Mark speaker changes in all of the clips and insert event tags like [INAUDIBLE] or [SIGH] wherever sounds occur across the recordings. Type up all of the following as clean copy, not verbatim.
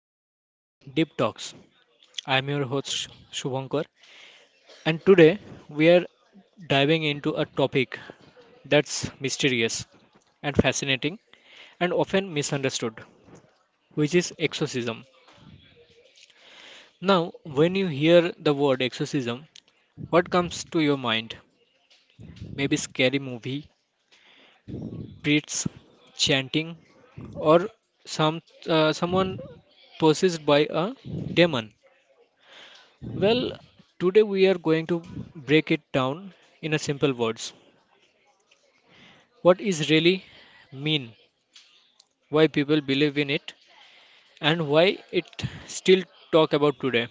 Speaker 1: welcome to Deep Talks. I am your host Shubhankar and today we are diving into a topic that's mysterious and fascinating and often misunderstood, which is exorcism. Now, when you hear the word exorcism, what comes to your mind? Maybe scary movie, priests chanting or some someone possessed by a demon. Well, today we are going to break it down in a simple words. What is really mean, why people believe in it, and why it still talk about today.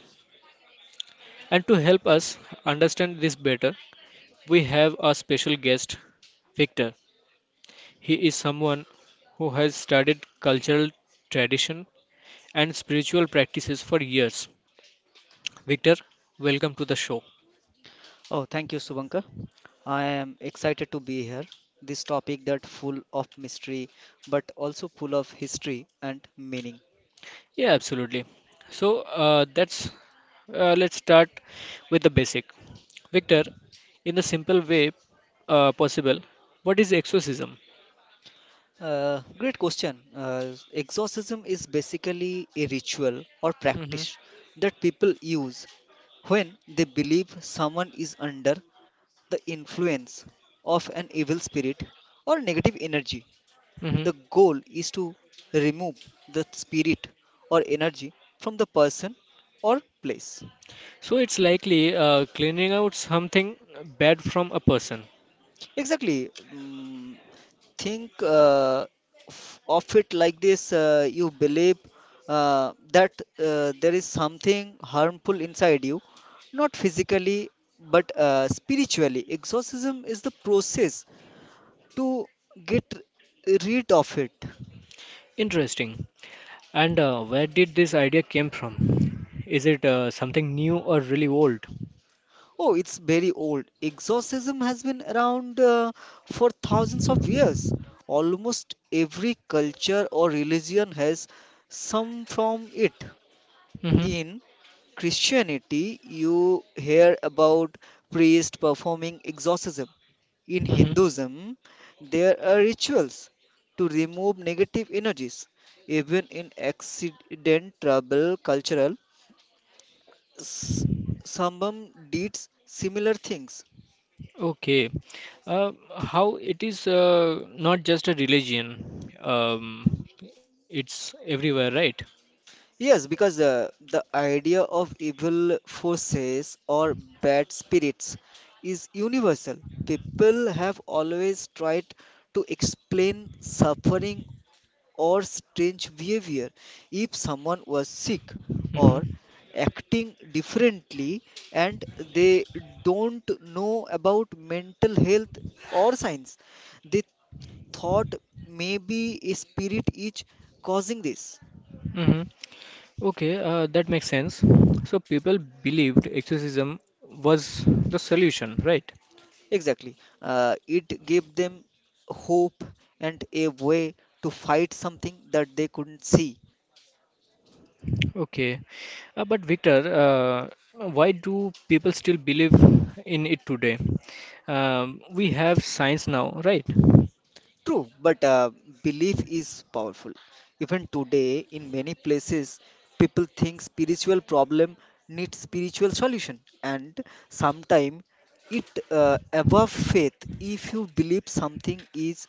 Speaker 1: And to help us understand this better, we have a special guest, Victor. He is someone who has studied cultural tradition and spiritual practices for years. Victor, welcome to the show.
Speaker 2: Oh, thank you, Subankar. I am excited to be here. This topic that full of mystery, but also full of history and meaning.
Speaker 1: Yeah, absolutely. So that's Let's start with the basic. Victor, in the simple way possible, what is exorcism?
Speaker 2: Great question. Exorcism is basically a ritual or
Speaker 1: Hmm.
Speaker 2: practice that people use when they believe someone is under the influence of an evil spirit or negative energy.
Speaker 1: Hmm.
Speaker 2: The goal is to remove the spirit or energy from the person or place.
Speaker 1: So it's likely cleaning out something bad from a person.
Speaker 2: Exactly. Think of it like this. You believe that there is something harmful inside you, not physically but spiritually. Exorcism is the process to get rid of it.
Speaker 1: Interesting. And where did this idea came from? Is it something new or really old?
Speaker 2: Oh, it's very old. Exorcism has been around for thousands of years. Almost every culture or religion has some from it.
Speaker 1: Hmm.
Speaker 2: In Christianity, you hear about priests performing exorcism. In
Speaker 1: Hmm.
Speaker 2: Hinduism, there are rituals to remove negative energies. Even in accident trouble cultural, s- Sambam did similar things.
Speaker 1: Okay. How it is not just a religion, it's everywhere, right?
Speaker 2: Yes, because the idea of evil forces or bad spirits is universal. People have always tried to explain suffering or strange behavior. If someone was sick or
Speaker 1: Hmm.
Speaker 2: acting differently and they don't know about mental health or science, they thought maybe a spirit is causing this.
Speaker 1: Hmm. Okay, that makes sense. So people believed exorcism was the solution, right?
Speaker 2: Exactly. It gave them hope and a way to fight something that they couldn't see.
Speaker 1: Okay. But Victor, why do people still believe in it today? We have science now, right?
Speaker 2: True, but belief is powerful. Even today, in many places, people think spiritual problem needs spiritual solution, and sometimes it above faith. If you believe something is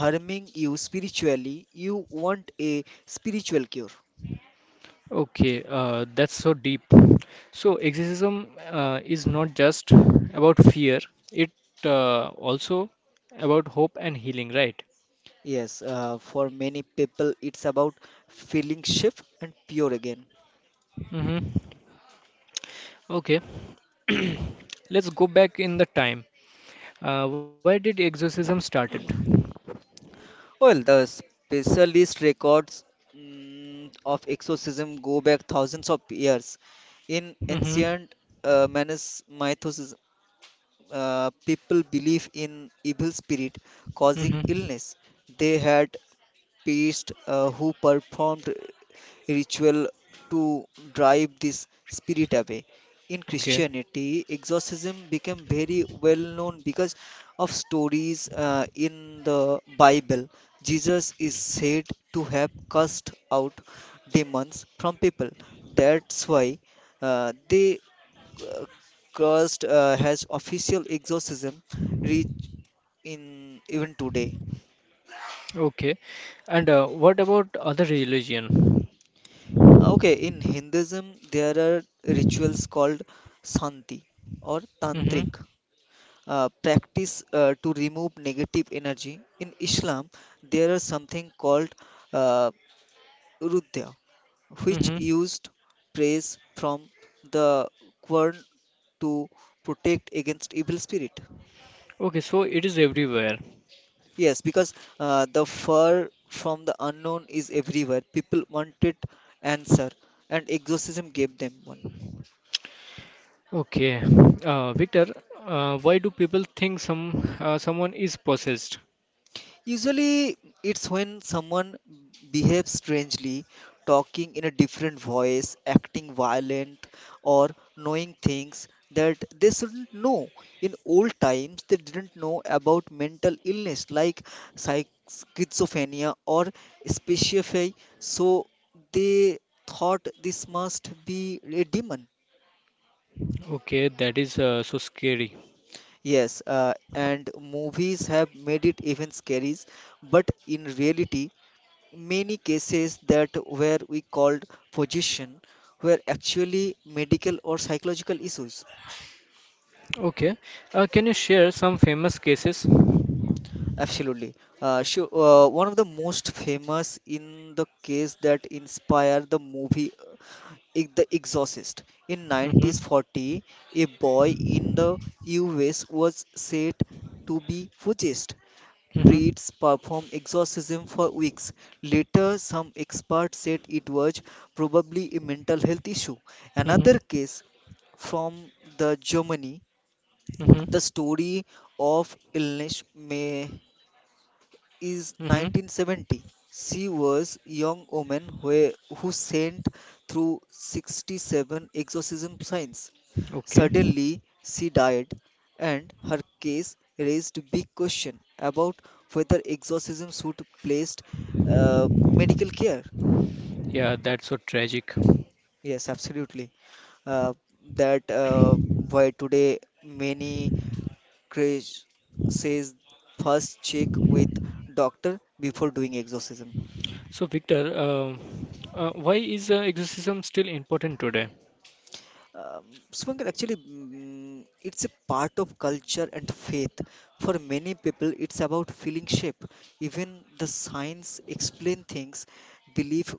Speaker 2: harming you spiritually, you want a spiritual cure.
Speaker 1: Okay, that's so deep. So, exorcism is not just about fear, it also about hope and healing, right?
Speaker 2: Yes, for many people, it's about feeling shift and pure again.
Speaker 1: Mm-hmm. Okay, [CLEARS THROAT] let's go back in the time. Where did exorcism started?
Speaker 2: Well, the specialist records of exorcism go back thousands of years. In
Speaker 1: Mm-hmm.
Speaker 2: ancient Manus mythos, people believe in evil spirit causing
Speaker 1: Mm-hmm.
Speaker 2: illness. They had Priest who performed ritual to drive this spirit away. In
Speaker 1: Okay,
Speaker 2: Christianity, exorcism became very well known because of stories in the Bible. Jesus is said to have cast out demons from people. That's why they uh, cursed has official exorcism reach in even today.
Speaker 1: okay. And what about other religion?
Speaker 2: Okay, in Hinduism, there are rituals called Santi or Tantric,
Speaker 1: Mm-hmm.
Speaker 2: practice to remove negative energy. In Islam, there are something called uh, Rudya, which
Speaker 1: Mm-hmm.
Speaker 2: used praise from the Quran to protect against evil spirit.
Speaker 1: Okay, so it is everywhere.
Speaker 2: Yes, because the fur from the unknown is everywhere. People wanted answer, and exorcism gave them one.
Speaker 1: Okay, Victor, why do people think someone is possessed?
Speaker 2: Usually, it's when someone behaves strangely, talking in a different voice, acting violent, or knowing things that they shouldn't know. In old times, they didn't know about mental illness like schizophrenia or speciophy, so they thought this must be a demon.
Speaker 1: Okay, that is so scary.
Speaker 2: Yes, and movies have made it even scary, but in reality, many cases that were we called position were actually medical or psychological issues.
Speaker 1: Okay, can you share some famous cases? Mm-hmm.
Speaker 2: Absolutely. Sure. One of the most famous in the case that inspired the movie The Exorcist. In 1940, a boy in the US was said to be possessed
Speaker 1: Mm-hmm.
Speaker 2: priests performed exorcism for weeks. Later, some experts said it was probably a mental health issue. Another
Speaker 1: Mm-hmm.
Speaker 2: case from the Germany,
Speaker 1: Mm-hmm.
Speaker 2: the story of illness may is
Speaker 1: Mm-hmm.
Speaker 2: 1970. She was young woman who sent through 67 exorcism signs.
Speaker 1: Okay.
Speaker 2: Suddenly, she died, and her case raised big question about whether exorcism should placed medical care.
Speaker 1: Yeah, that's so tragic.
Speaker 2: Yes, absolutely. Uh, that why today many crash says first check with doctor before doing exorcism.
Speaker 1: So, Victor, why is exorcism still important today?
Speaker 2: Um, Supankar, actually, it's a part of culture and faith. For many people, it's about feeling shape. Even the science explain things, belief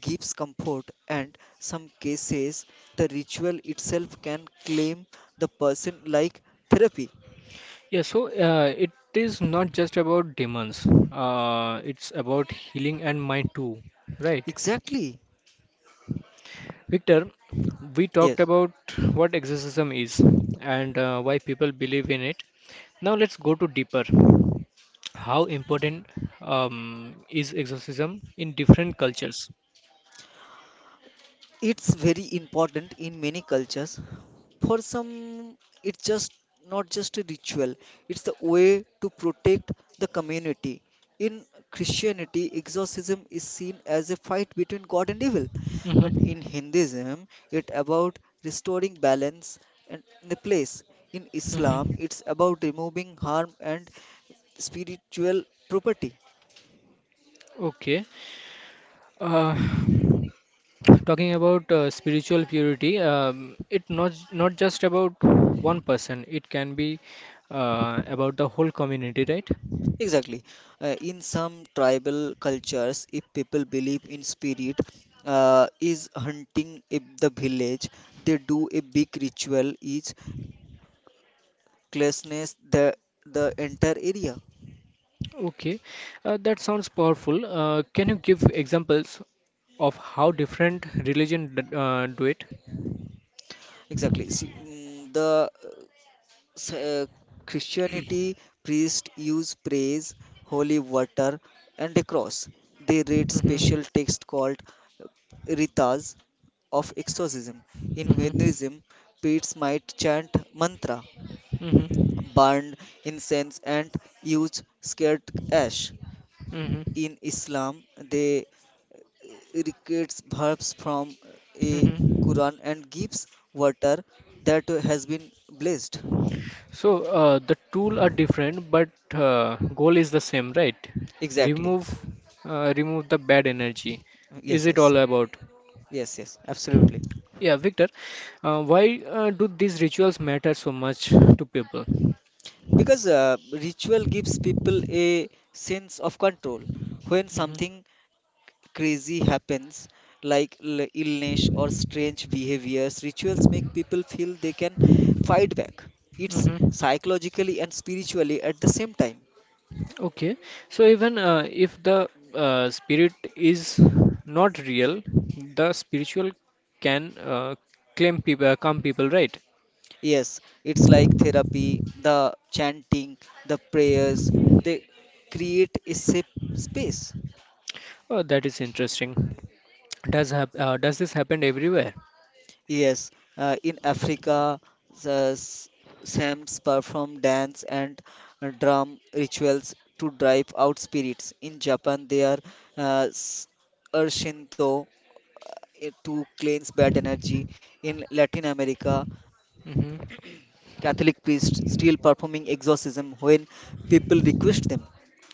Speaker 2: gives comfort, and some cases, the ritual itself can claim the person like therapy.
Speaker 1: Yeah, so it is not just about demons. It's about healing and mind too, right?
Speaker 2: Exactly.
Speaker 1: Victor, we talked
Speaker 2: Yes.
Speaker 1: about what exorcism is and why people believe in it. Now let's go to deeper. How important is exorcism in different cultures?
Speaker 2: It's very important in many cultures. For some, it's just not just a ritual, it's the way to protect the community. In Christianity, exorcism is seen as a fight between God and evil. But
Speaker 1: Hmm.
Speaker 2: in Hinduism, it's about restoring balance and the place. In Islam,
Speaker 1: Hmm.
Speaker 2: it's about removing harm and spiritual property.
Speaker 1: Okay. Uh, Talking about spiritual purity, it not just about one person. It can be about the whole community, right?
Speaker 2: Exactly. In some tribal cultures, if people believe in spirit is hunting if the village, they do a big ritual each cleanses the entire area.
Speaker 1: Okay, that sounds powerful. Can you give examples of how different religion d do it?
Speaker 2: Exactly. See, s- uh, Christianity priests use praise, holy water, and a cross. They read
Speaker 1: Mm-hmm.
Speaker 2: special text called ritas of exorcism. In
Speaker 1: Mm-hmm.
Speaker 2: Hinduism, priests might chant mantra,
Speaker 1: Mm-hmm.
Speaker 2: burn incense, and use sacred ash.
Speaker 1: Mm-hmm.
Speaker 2: In Islam, they recreates verbs from a
Speaker 1: Mm-hmm.
Speaker 2: Quran and gives water that has been blessed.
Speaker 1: So the tool are different, but uh, goal is the same, right?
Speaker 2: Exactly.
Speaker 1: Remove, remove the bad energy. Is
Speaker 2: Yes,
Speaker 1: it
Speaker 2: yes.
Speaker 1: all about?
Speaker 2: Yes, yes, absolutely.
Speaker 1: Yeah, Victor. Why do these rituals matter so much to people?
Speaker 2: Because ritual gives people a sense of control. When
Speaker 1: Mm-hmm.
Speaker 2: something crazy happens, like illness or strange behaviors, rituals make people feel they can fight back. It's
Speaker 1: Mm-hmm.
Speaker 2: psychologically and spiritually at the same time.
Speaker 1: Okay, so even if the spirit is not real, the spiritual can claim people, come people, right?
Speaker 2: Yes, it's like therapy, the chanting, the prayers, they create a safe space.
Speaker 1: Oh, that is interesting. Does this happen everywhere?
Speaker 2: Yes, in Africa, the Sams perform dance and drum rituals to drive out spirits. In Japan, they are uh, s- are Shinto to cleanse bad energy. In Latin America,
Speaker 1: Hmm.
Speaker 2: Catholic priests still performing exorcism when people request them.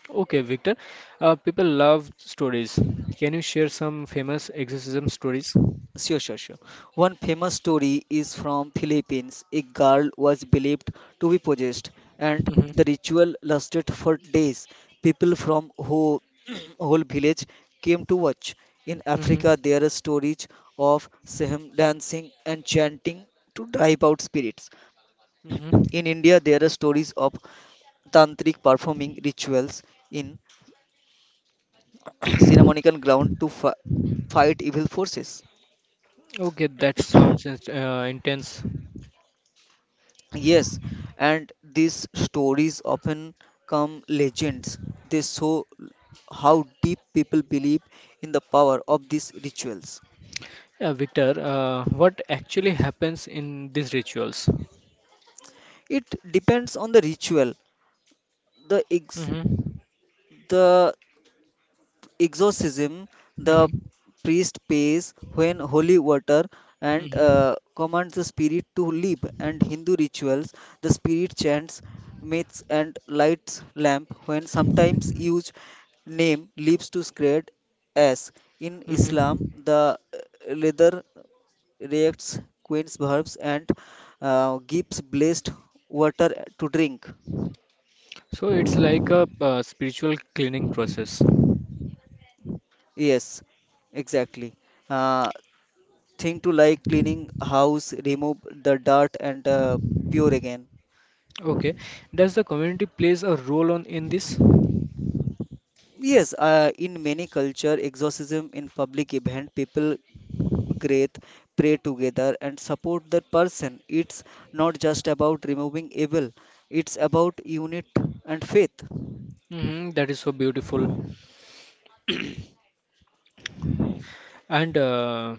Speaker 1: Okay, Victor. People love stories. Can you share some famous exorcism stories?
Speaker 2: Sure, sure, sure. One famous story is from Philippines. A girl was believed to be possessed, and
Speaker 1: Hmm.
Speaker 2: the ritual lasted for days. People from whole, [CLEARS THROAT] whole village came to watch. In
Speaker 1: Hmm.
Speaker 2: Africa, there are stories of Sehem dancing and chanting to drive out spirits.
Speaker 1: Hmm.
Speaker 2: [CLEARS THROAT] In India, there are stories of tantric performing rituals in [CLEARS THROAT]
Speaker 1: [COUGHS] [CLEARS THROAT]
Speaker 2: ceremonial ground to fight evil forces.
Speaker 1: Okay, that sounds intense.
Speaker 2: Yes, and these stories often come legends. They show how deep people believe in the power of these rituals.
Speaker 1: Yeah, Victor, what actually happens in these rituals?
Speaker 2: It depends on the ritual, the ex-
Speaker 1: Mm-hmm.
Speaker 2: the exorcism the
Speaker 1: Mm-hmm.
Speaker 2: priest pays when holy water and
Speaker 1: Mm-hmm.
Speaker 2: commands the spirit to leave and hindu rituals the spirit chants myths and lights lamp when sometimes used name leaves to scared as in islam
Speaker 1: Mm-hmm.
Speaker 2: the leather reacts quench verbs and gives blessed water to drink.
Speaker 1: So it's like a spiritual cleaning process.
Speaker 2: Yes, exactly. uh, thing to like cleaning house, remove the dirt and pure again.
Speaker 1: Okay. Does the community plays a role on in this?
Speaker 2: Yes, in many culture, exorcism in public event, people great pray together and support the person. It's not just about removing evil; it's about unit and faith.
Speaker 1: Mm-hmm. That is so beautiful. And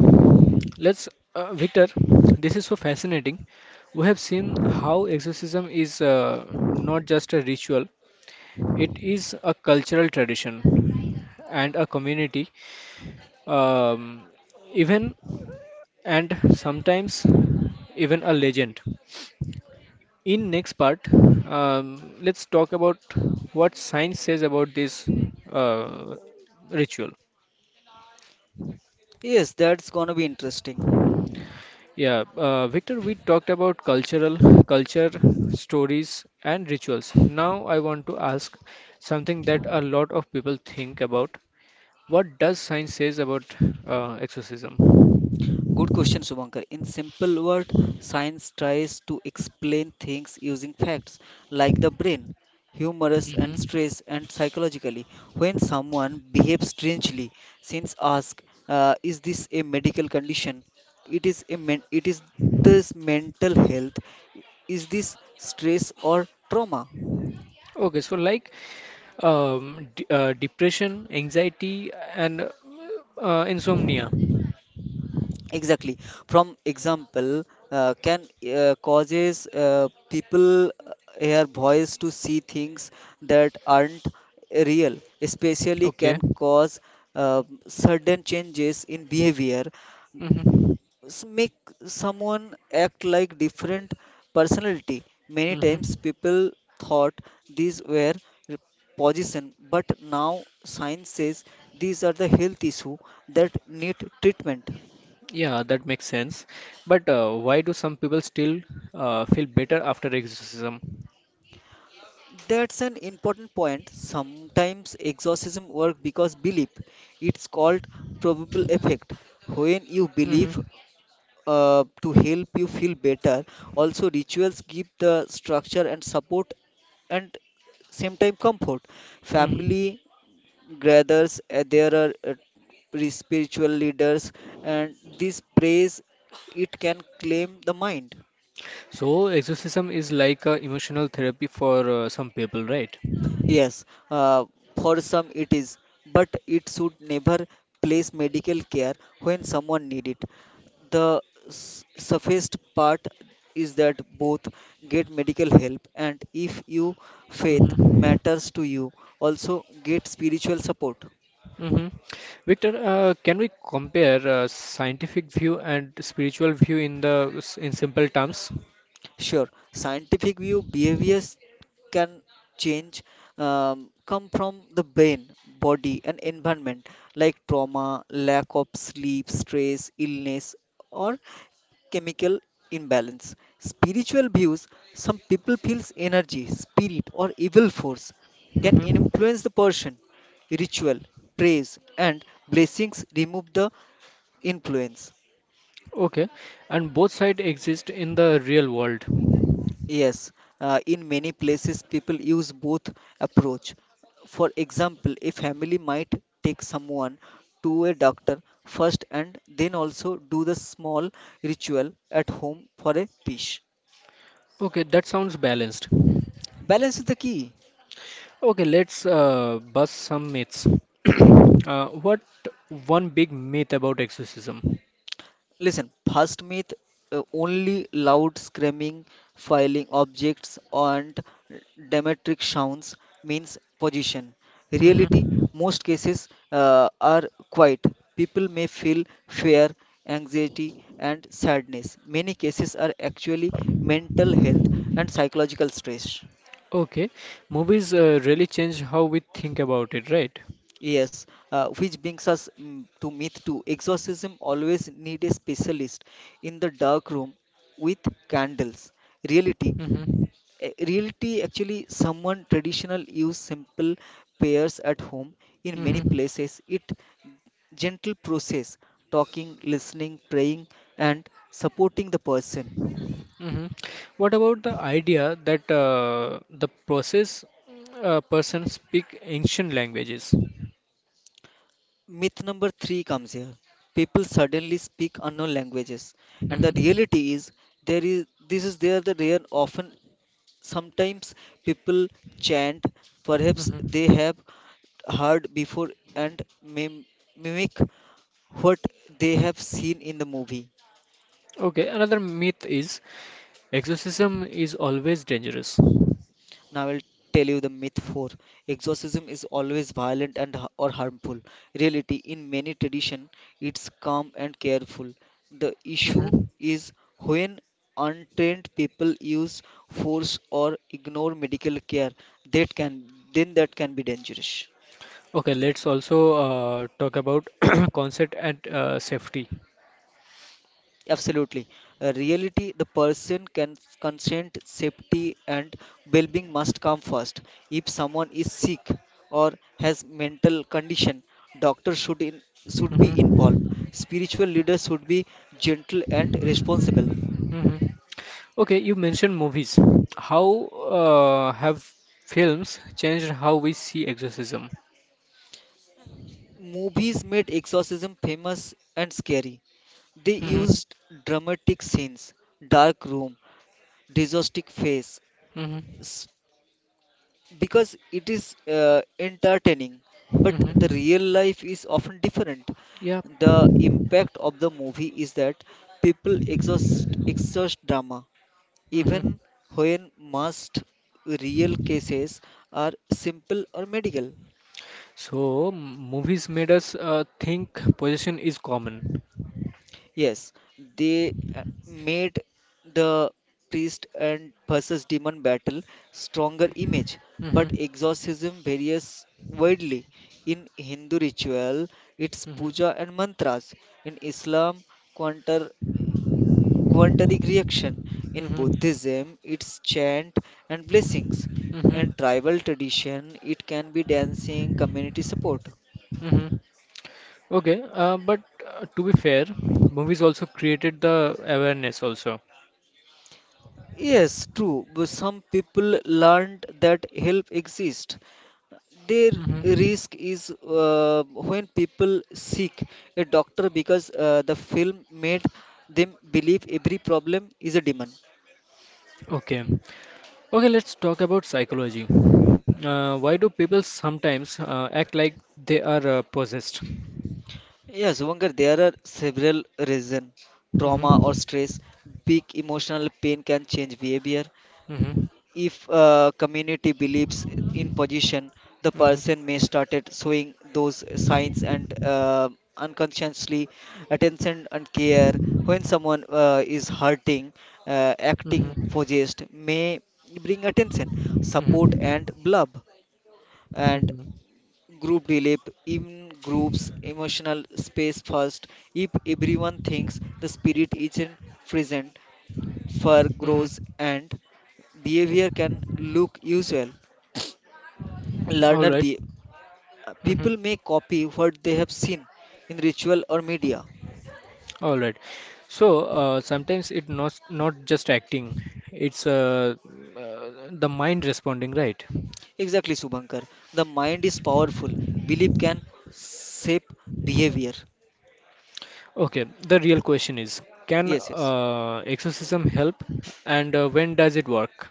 Speaker 1: let's, Victor, this is so fascinating. We have seen how exorcism is not just a ritual, it is a cultural tradition and a community um, even and sometimes even a legend. In next part, let's talk about what science says about this uh, ritual.
Speaker 2: Yes, that's gonna be interesting.
Speaker 1: Yeah, Victor, we talked about cultural culture, stories, and rituals. Now I want to ask something that a lot of people think about. What does science says about exorcism?
Speaker 2: Good question, Subankar. In simple word, science tries to explain things using facts like the brain, humorous and
Speaker 1: Mm-hmm.
Speaker 2: stress and psychologically. When someone behaves strangely, since ask, "Is this a medical condition? It is a men- it is this mental health? Is this stress or trauma?"
Speaker 1: Okay, so like d depression, anxiety, and insomnia.
Speaker 2: Exactly. From example, can causes people hear voice to see things that aren't real, especially
Speaker 1: Okay.
Speaker 2: can cause sudden changes in behavior,
Speaker 1: Mm-hmm.
Speaker 2: make someone act like different personality. Many
Speaker 1: Mm-hmm.
Speaker 2: times people thought these were re- position, but now science says these are the health issue that need treatment.
Speaker 1: Yeah, that makes sense. But why do some people still feel better after exorcism?
Speaker 2: That's an important point. Sometimes exorcism work because belief. It's called probable effect. When you believe
Speaker 1: Mm-hmm.
Speaker 2: to help you feel better, also rituals give the structure and support and same time comfort.
Speaker 1: Mm-hmm.
Speaker 2: Family gathers, there are spiritual leaders, and this praise it can claim the mind.
Speaker 1: So exorcism is like emotional therapy for some people, right?
Speaker 2: Yes, uh, for some it is, but it should never place medical care when someone need it. The safest part is that both get medical help and if you faith
Speaker 1: Mm-hmm.
Speaker 2: matters to you, also get spiritual support.
Speaker 1: Mm-hmm. Victor, can we compare scientific view and spiritual view in the in simple terms?
Speaker 2: Sure, scientific view behaviors can change come from the brain, body, and environment like trauma, lack of sleep, stress, illness, or chemical imbalance. Spiritual views some people feels energy, spirit, or evil force can
Speaker 1: Hmm.
Speaker 2: influence the person. Ritual, praise, and blessings remove the influence.
Speaker 1: Okay, and both sides exist in the real world.
Speaker 2: Yes, in many places people use both approach. For example, a family might take someone to a doctor first and then also do the small ritual at home for a peace.
Speaker 1: Okay, that sounds balanced.
Speaker 2: Balance is the key.
Speaker 1: Okay, let's bust some myths. [CLEARS THROAT] What one big myth about exorcism?
Speaker 2: Listen, first myth only loud screaming, filing objects, and dramatic sounds means position. Reality,
Speaker 1: Hmm.
Speaker 2: most cases are quiet. People may feel fear, anxiety, and sadness. Many cases are actually mental health and psychological stress.
Speaker 1: Okay, movies really change how we think about it, right?
Speaker 2: Yes, which brings us to myth two. Exorcism always need a specialist in the dark room with candles. Reality,
Speaker 1: Hmm.
Speaker 2: reality actually someone traditional use simple prayers at home in many
Speaker 1: Hmm.
Speaker 2: places. It gentle process, talking, listening, praying, and supporting the person.
Speaker 1: Hmm. What about the idea that the process person speak ancient languages?
Speaker 2: Myth number three comes here. People suddenly speak unknown languages, and the
Speaker 1: Hmm.
Speaker 2: reality is there is this is there the rare often. Sometimes people chant, perhaps
Speaker 1: Mhm.
Speaker 2: they have heard before, and mimic what they have seen in the movie.
Speaker 1: Okay, another myth is exorcism is always dangerous.
Speaker 2: Now I'll tell you the myth 4. Exorcism is always violent and or harmful. Reality in many tradition it's calm and careful. The issue
Speaker 1: Mhm.
Speaker 2: is when untrained people use force or ignore medical care that can then that can be dangerous.
Speaker 1: Okay, let's also talk about [CLEARS THROAT] concept and safety.
Speaker 2: Absolutely. Reality, the person can consent, safety, and well-being must come first. If someone is sick or has mental condition, doctor should be involved.
Speaker 1: Mhm.
Speaker 2: Spiritual leaders should be gentle and responsible.
Speaker 1: Mhm. Okay, you mentioned movies. How have films changed how we see exorcism?
Speaker 2: Movies made exorcism famous and scary. They
Speaker 1: Mhm.
Speaker 2: used dramatic scenes, dark room, disastrous face,
Speaker 1: Mhm.
Speaker 2: because it is entertaining, but the
Speaker 1: Mhm.
Speaker 2: real life is often different.
Speaker 1: Yeah.
Speaker 2: The impact of the movie is that people exhaust drama
Speaker 1: Mm-hmm.
Speaker 2: even when most real cases are simple or medical.
Speaker 1: So movies made us think possession is common.
Speaker 2: Yes, they made the priest and versus demon battle stronger image, but
Speaker 1: Mm-hmm.
Speaker 2: exorcism varies widely. In Hindu ritual, it's puja and mantras. In Islam, quantar, quantic reaction. In
Speaker 1: Mm-hmm.
Speaker 2: Buddhism, it's chant and blessings.
Speaker 1: Hmm.
Speaker 2: In tribal tradition, it can be dancing, community support.
Speaker 1: Hmm. Okay, but to be fair, movies also created the awareness also.
Speaker 2: Yes, true. But some people learned that help exists. Their
Speaker 1: Hmm.
Speaker 2: risk is when people seek a doctor because the film made them believe every problem is a demon.
Speaker 1: Okay. Okay, let's talk about psychology. Why do people sometimes act like they are possessed? Mm-hmm.
Speaker 2: Yes, Vankar, there are several reasons. Trauma or stress, big emotional pain can change behavior.
Speaker 1: Mm-hmm.
Speaker 2: If a community believes in position, the
Speaker 1: Mm-hmm.
Speaker 2: person may started showing those signs and unconsciously attention and care. When someone is hurting, acting
Speaker 1: Mm-hmm.
Speaker 2: possessed may bring attention, support and blub, and
Speaker 1: Mm-hmm.
Speaker 2: group relief in groups emotional space first. If everyone thinks the spirit isn't present, fur grows
Speaker 1: Mm-hmm.
Speaker 2: and behavior can look usual.
Speaker 1: All
Speaker 2: Learner
Speaker 1: right.
Speaker 2: be,
Speaker 1: Mm-hmm.
Speaker 2: people may copy what they have seen in ritual or media.
Speaker 1: All right. So sometimes it not just acting, it's the mind responding, right?
Speaker 2: Exactly, Subankar. The mind is powerful. Belief can shape behavior.
Speaker 1: Okay. The real question is, can
Speaker 2: Yes, yes.
Speaker 1: exorcism help, and when does it work?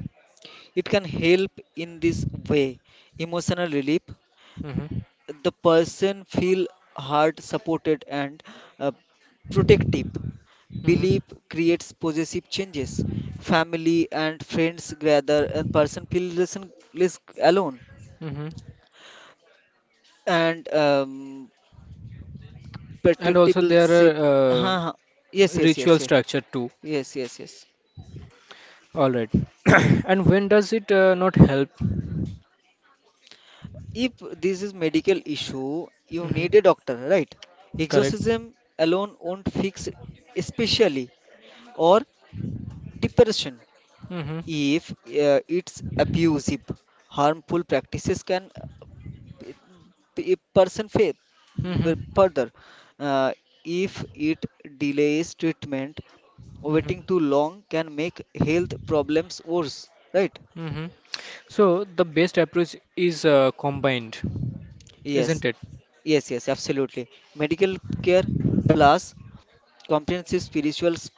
Speaker 2: It can help in this way. Emotional relief,
Speaker 1: Hmm.
Speaker 2: the person feel heart supported and uh, protective
Speaker 1: Hmm.
Speaker 2: belief creates possessive changes. Family and friends gather and person feel less, and- less alone
Speaker 1: Hmm.
Speaker 2: and
Speaker 1: And also
Speaker 2: protectable
Speaker 1: there are
Speaker 2: sip. हाँ हाँ, yes yes
Speaker 1: ritual
Speaker 2: yes yes,
Speaker 1: structure too.
Speaker 2: yes yes yes.
Speaker 1: All right. [COUGHS] And when does it not help?
Speaker 2: If this is medical issue, you
Speaker 1: Hmm.
Speaker 2: need a doctor, right?
Speaker 1: Correct.
Speaker 2: Exorcism alone won't fix, especially or depression.
Speaker 1: Hmm.
Speaker 2: If it's abusive, harmful practices can b- b- person faith,
Speaker 1: Hmm.
Speaker 2: further. uh, if it delays treatment,
Speaker 1: Hmm.
Speaker 2: waiting too long can make health problems worse, right?
Speaker 1: Hmm. So the best approach is combined,
Speaker 2: Yes,
Speaker 1: isn't it?
Speaker 2: yes, yes, absolutely. Medical care plus comprehensive spiritual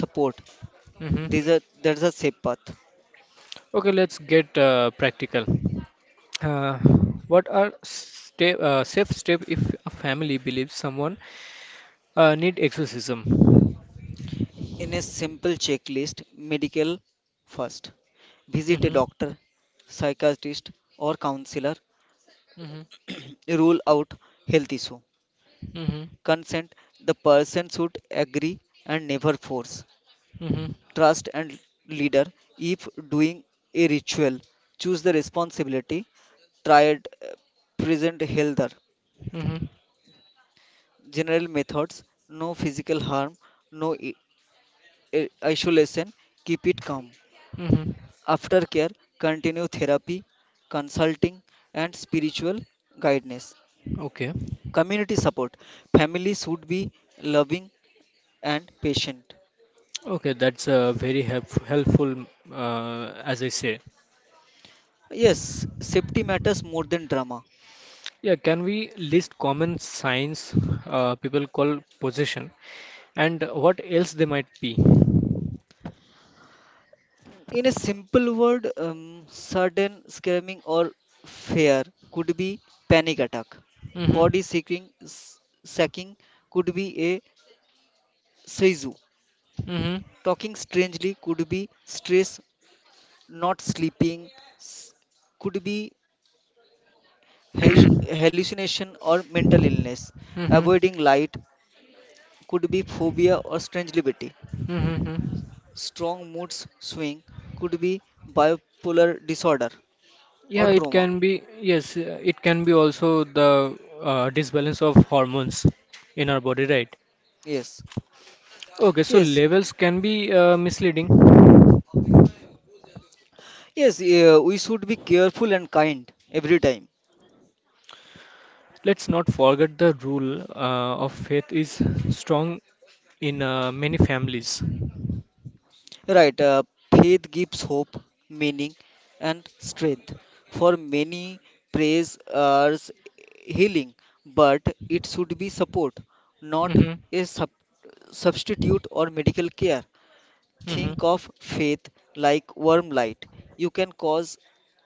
Speaker 2: support,
Speaker 1: Hmm.
Speaker 2: these are, that's a safe path.
Speaker 1: Okay, let's get practical. Uh, what are step safe step if a family believes someone need exorcism?
Speaker 2: In a simple checklist, medical first. Visit a
Speaker 1: Hmm.
Speaker 2: doctor, psychiatrist, or counselor.
Speaker 1: Hmm.
Speaker 2: [CLEARS THROAT] Rule out health issue.
Speaker 1: Hmm.
Speaker 2: Consent. The person should agree and never force.
Speaker 1: Hmm.
Speaker 2: Trust and leader. If doing a ritual, choose the responsibility. Triad present healthier.
Speaker 1: Hmm.
Speaker 2: General methods. No physical harm. No isolation. Keep it calm.
Speaker 1: Hmm.
Speaker 2: Aftercare, continue therapy, consulting and spiritual guidance.
Speaker 1: Okay.
Speaker 2: Community support, family should be loving and patient.
Speaker 1: Okay, that's very helpful, as I say.
Speaker 2: Yes, safety matters more than drama.
Speaker 1: Yeah, can we list common signs people call possession and what else they might be?
Speaker 2: In a simple word, sudden screaming or fear could be panic attack.
Speaker 1: Mm-hmm.
Speaker 2: Body shaking s- sacking could be a seizu.
Speaker 1: Mm-hmm.
Speaker 2: Talking strangely could be stress. Not sleeping s- could be hash-
Speaker 1: [COUGHS]
Speaker 2: hallucination, or mental illness.
Speaker 1: Mm-hmm.
Speaker 2: Avoiding light could be phobia or strangelivity.
Speaker 1: Mm-hmm.
Speaker 2: Strong mood swing could be bipolar disorder
Speaker 1: [CLEARS THROAT] Yeah,
Speaker 2: or
Speaker 1: it
Speaker 2: trauma.
Speaker 1: can be, yes, it can be also the disbalance of hormones in our body, right?
Speaker 2: Yes,
Speaker 1: Okay, so
Speaker 2: yes,
Speaker 1: levels can be misleading.
Speaker 2: yes, yeah, we should be careful and kind every time.
Speaker 1: Let's not forget the rule of faith is strong in many families.
Speaker 2: Right, faith gives hope, meaning, and strength. For many, praise is healing, but it should be support, not
Speaker 1: Mm-hmm.
Speaker 2: a substitute or medical care.
Speaker 1: Mm-hmm.
Speaker 2: Think of faith like warm light. You can cause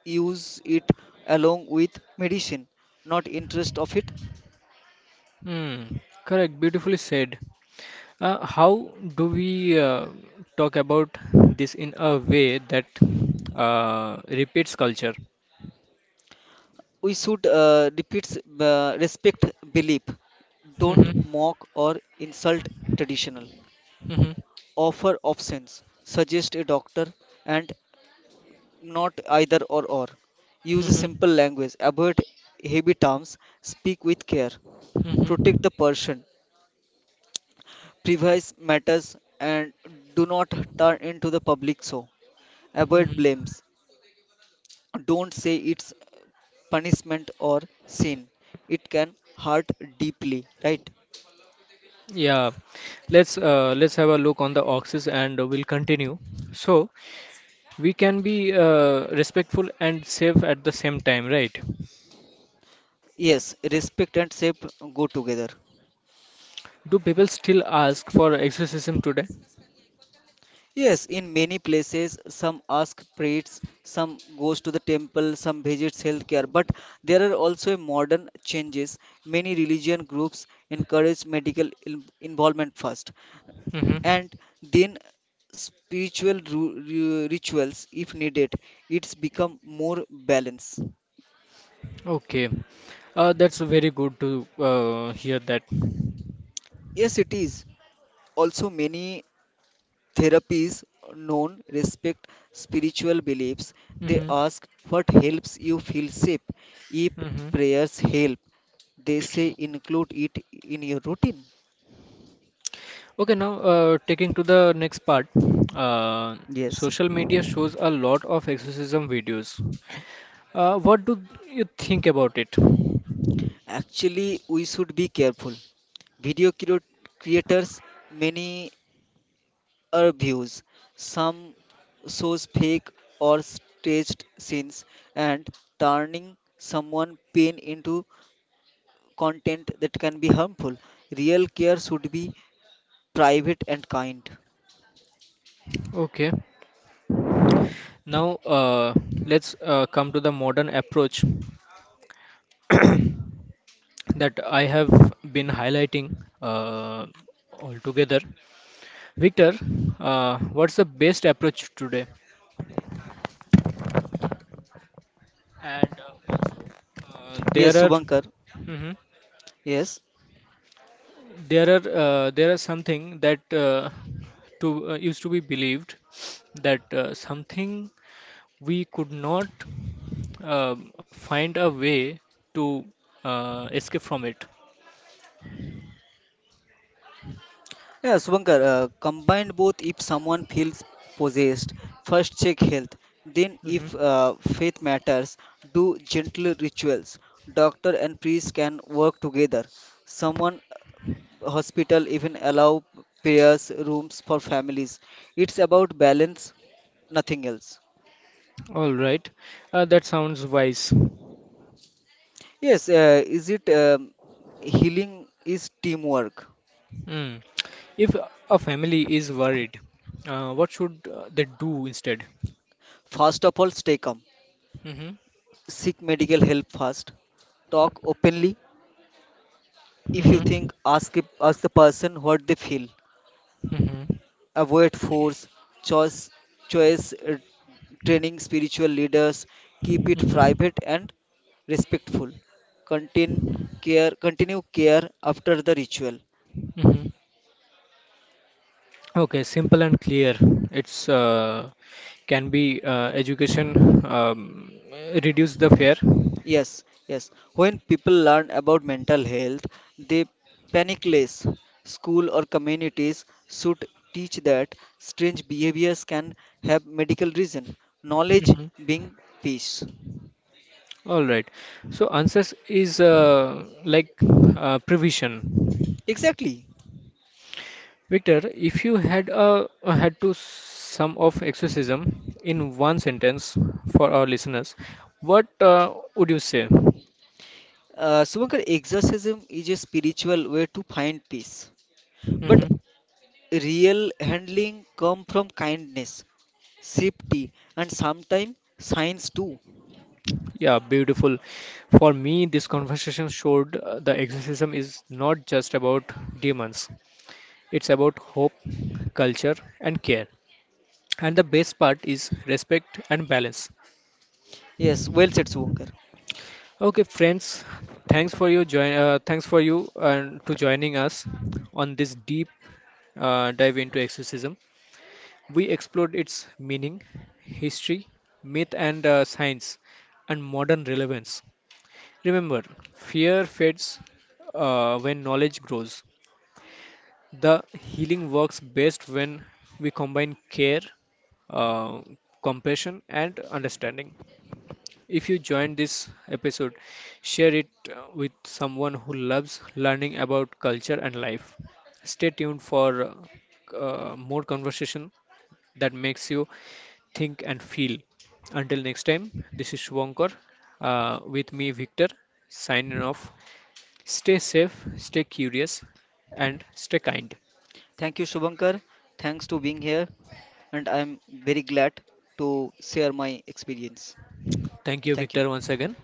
Speaker 2: use it along with medicine, not interest of it.
Speaker 1: Hmm, correct, beautifully said. How do we talk about this in a way that repeats culture?
Speaker 2: We should repeat, respect belief. Don't
Speaker 1: Mhm,
Speaker 2: mock or insult traditional.
Speaker 1: mhm,
Speaker 2: Offer options, suggest a doctor, and not either or or. Use a
Speaker 1: mhm,
Speaker 2: simple language, avoid heavy terms, speak with care, protect
Speaker 1: mhm,
Speaker 2: the person, privacy matters, and do not turn into the public show. Avoid
Speaker 1: mhm.
Speaker 2: blames, don't say it's punishment or sin. It can hurt deeply, right?
Speaker 1: Yeah, let's have a look on the oxes and we'll continue. So we can be respectful and safe at the same time, right?
Speaker 2: Yes, respect and shape go together.
Speaker 1: Do people still ask for exorcism today?
Speaker 2: Yes, in many places, some ask priests, some goes to the temple, some visits healthcare. But there are also modern changes. Many religion groups encourage medical involvement first,
Speaker 1: Mm-hmm.
Speaker 2: and then spiritual rituals if needed. It's become more balanced.
Speaker 1: Okay. That's very good to hear that.
Speaker 2: Yes, it is. Also, many therapies known respect spiritual beliefs. They
Speaker 1: Mm-hmm.
Speaker 2: ask what helps you feel safe. If
Speaker 1: Mm-hmm.
Speaker 2: prayers help, they say include it in your routine.
Speaker 1: Okay, now taking to the next part. Uh,
Speaker 2: Yes.
Speaker 1: Social media shows a lot of exorcism videos. What do you think about it?
Speaker 2: Actually, we should be careful. Video creators, many are views. Some shows fake or staged scenes and turning someone pain into content that can be harmful. Real care should be private and kind.
Speaker 1: Okay. Now let's come to the modern approach [COUGHS] [CLEARS THROAT] that I have been highlighting uh, altogether. Victor, what's the best approach today? And uh, there
Speaker 2: Yes,
Speaker 1: are
Speaker 2: Subankar.
Speaker 1: mhm.
Speaker 2: Yes.
Speaker 1: There are something that to used to be believed that something we could not uh, find a way to escape from it.
Speaker 2: Yeah, Subankar, combined both. If someone feels possessed, first check health. Then,
Speaker 1: Mhm.
Speaker 2: if faith matters, do gentle rituals. Doctor and priest can work together. Someone hospital even allow prayers rooms for families. It's about balance, nothing else.
Speaker 1: All right, that sounds wise.
Speaker 2: Yes, is it healing is teamwork.
Speaker 1: Mm. If a family is worried, what should they do instead?
Speaker 2: First of all, stay calm. Seek medical help first. Talk openly. If you
Speaker 1: Mm-hmm.
Speaker 2: think, ask, ask the person what they feel.
Speaker 1: Mm-hmm.
Speaker 2: Avoid force, choice, choice training spiritual leaders. Keep it
Speaker 1: Mm-hmm.
Speaker 2: private and respectful. Continue continue care after the ritual.
Speaker 1: Mm-hmm. Okay, simple and clear. It's Can be education reduce the fear.
Speaker 2: Yes, yes. When people learn about mental health, they panic less. School or communities should teach that strange behaviors can have medical reason. Knowledge
Speaker 1: Mhm.
Speaker 2: being peace.
Speaker 1: All right. So answers is like provision.
Speaker 2: Exactly.
Speaker 1: Victor, if you had a had to sum of exorcism in one sentence for our listeners, what would you say?
Speaker 2: Subankar, exorcism is a spiritual way to find peace. But
Speaker 1: Mm-hmm.
Speaker 2: real handling come from kindness, safety, and sometimes science too.
Speaker 1: Yeah, beautiful. For me, this conversation showed the exorcism is not just about demons. It's about hope, culture, and care. And the best part is respect and balance.
Speaker 2: Yes, well said, Subankar.
Speaker 1: Okay, friends, thanks for your join. Thanks for you and to joining us on this deep dive into exorcism. We explored its meaning, history, myth, and science, and modern relevance. Remember, fear fades when knowledge grows. The healing works best when we combine care, uh, compassion, and understanding. If you joined this episode, share it with someone who loves learning about culture and life. Stay tuned for more conversation that makes you think, and feel. Until next time, this is Shubhankar with me, Victor, signing off. Stay safe, stay curious, and stay kind.
Speaker 2: Thank you, Subankar. Thanks to being here. And I'm very glad to share my experience.
Speaker 1: Thank you,
Speaker 2: Thank you.
Speaker 1: Victor, once again.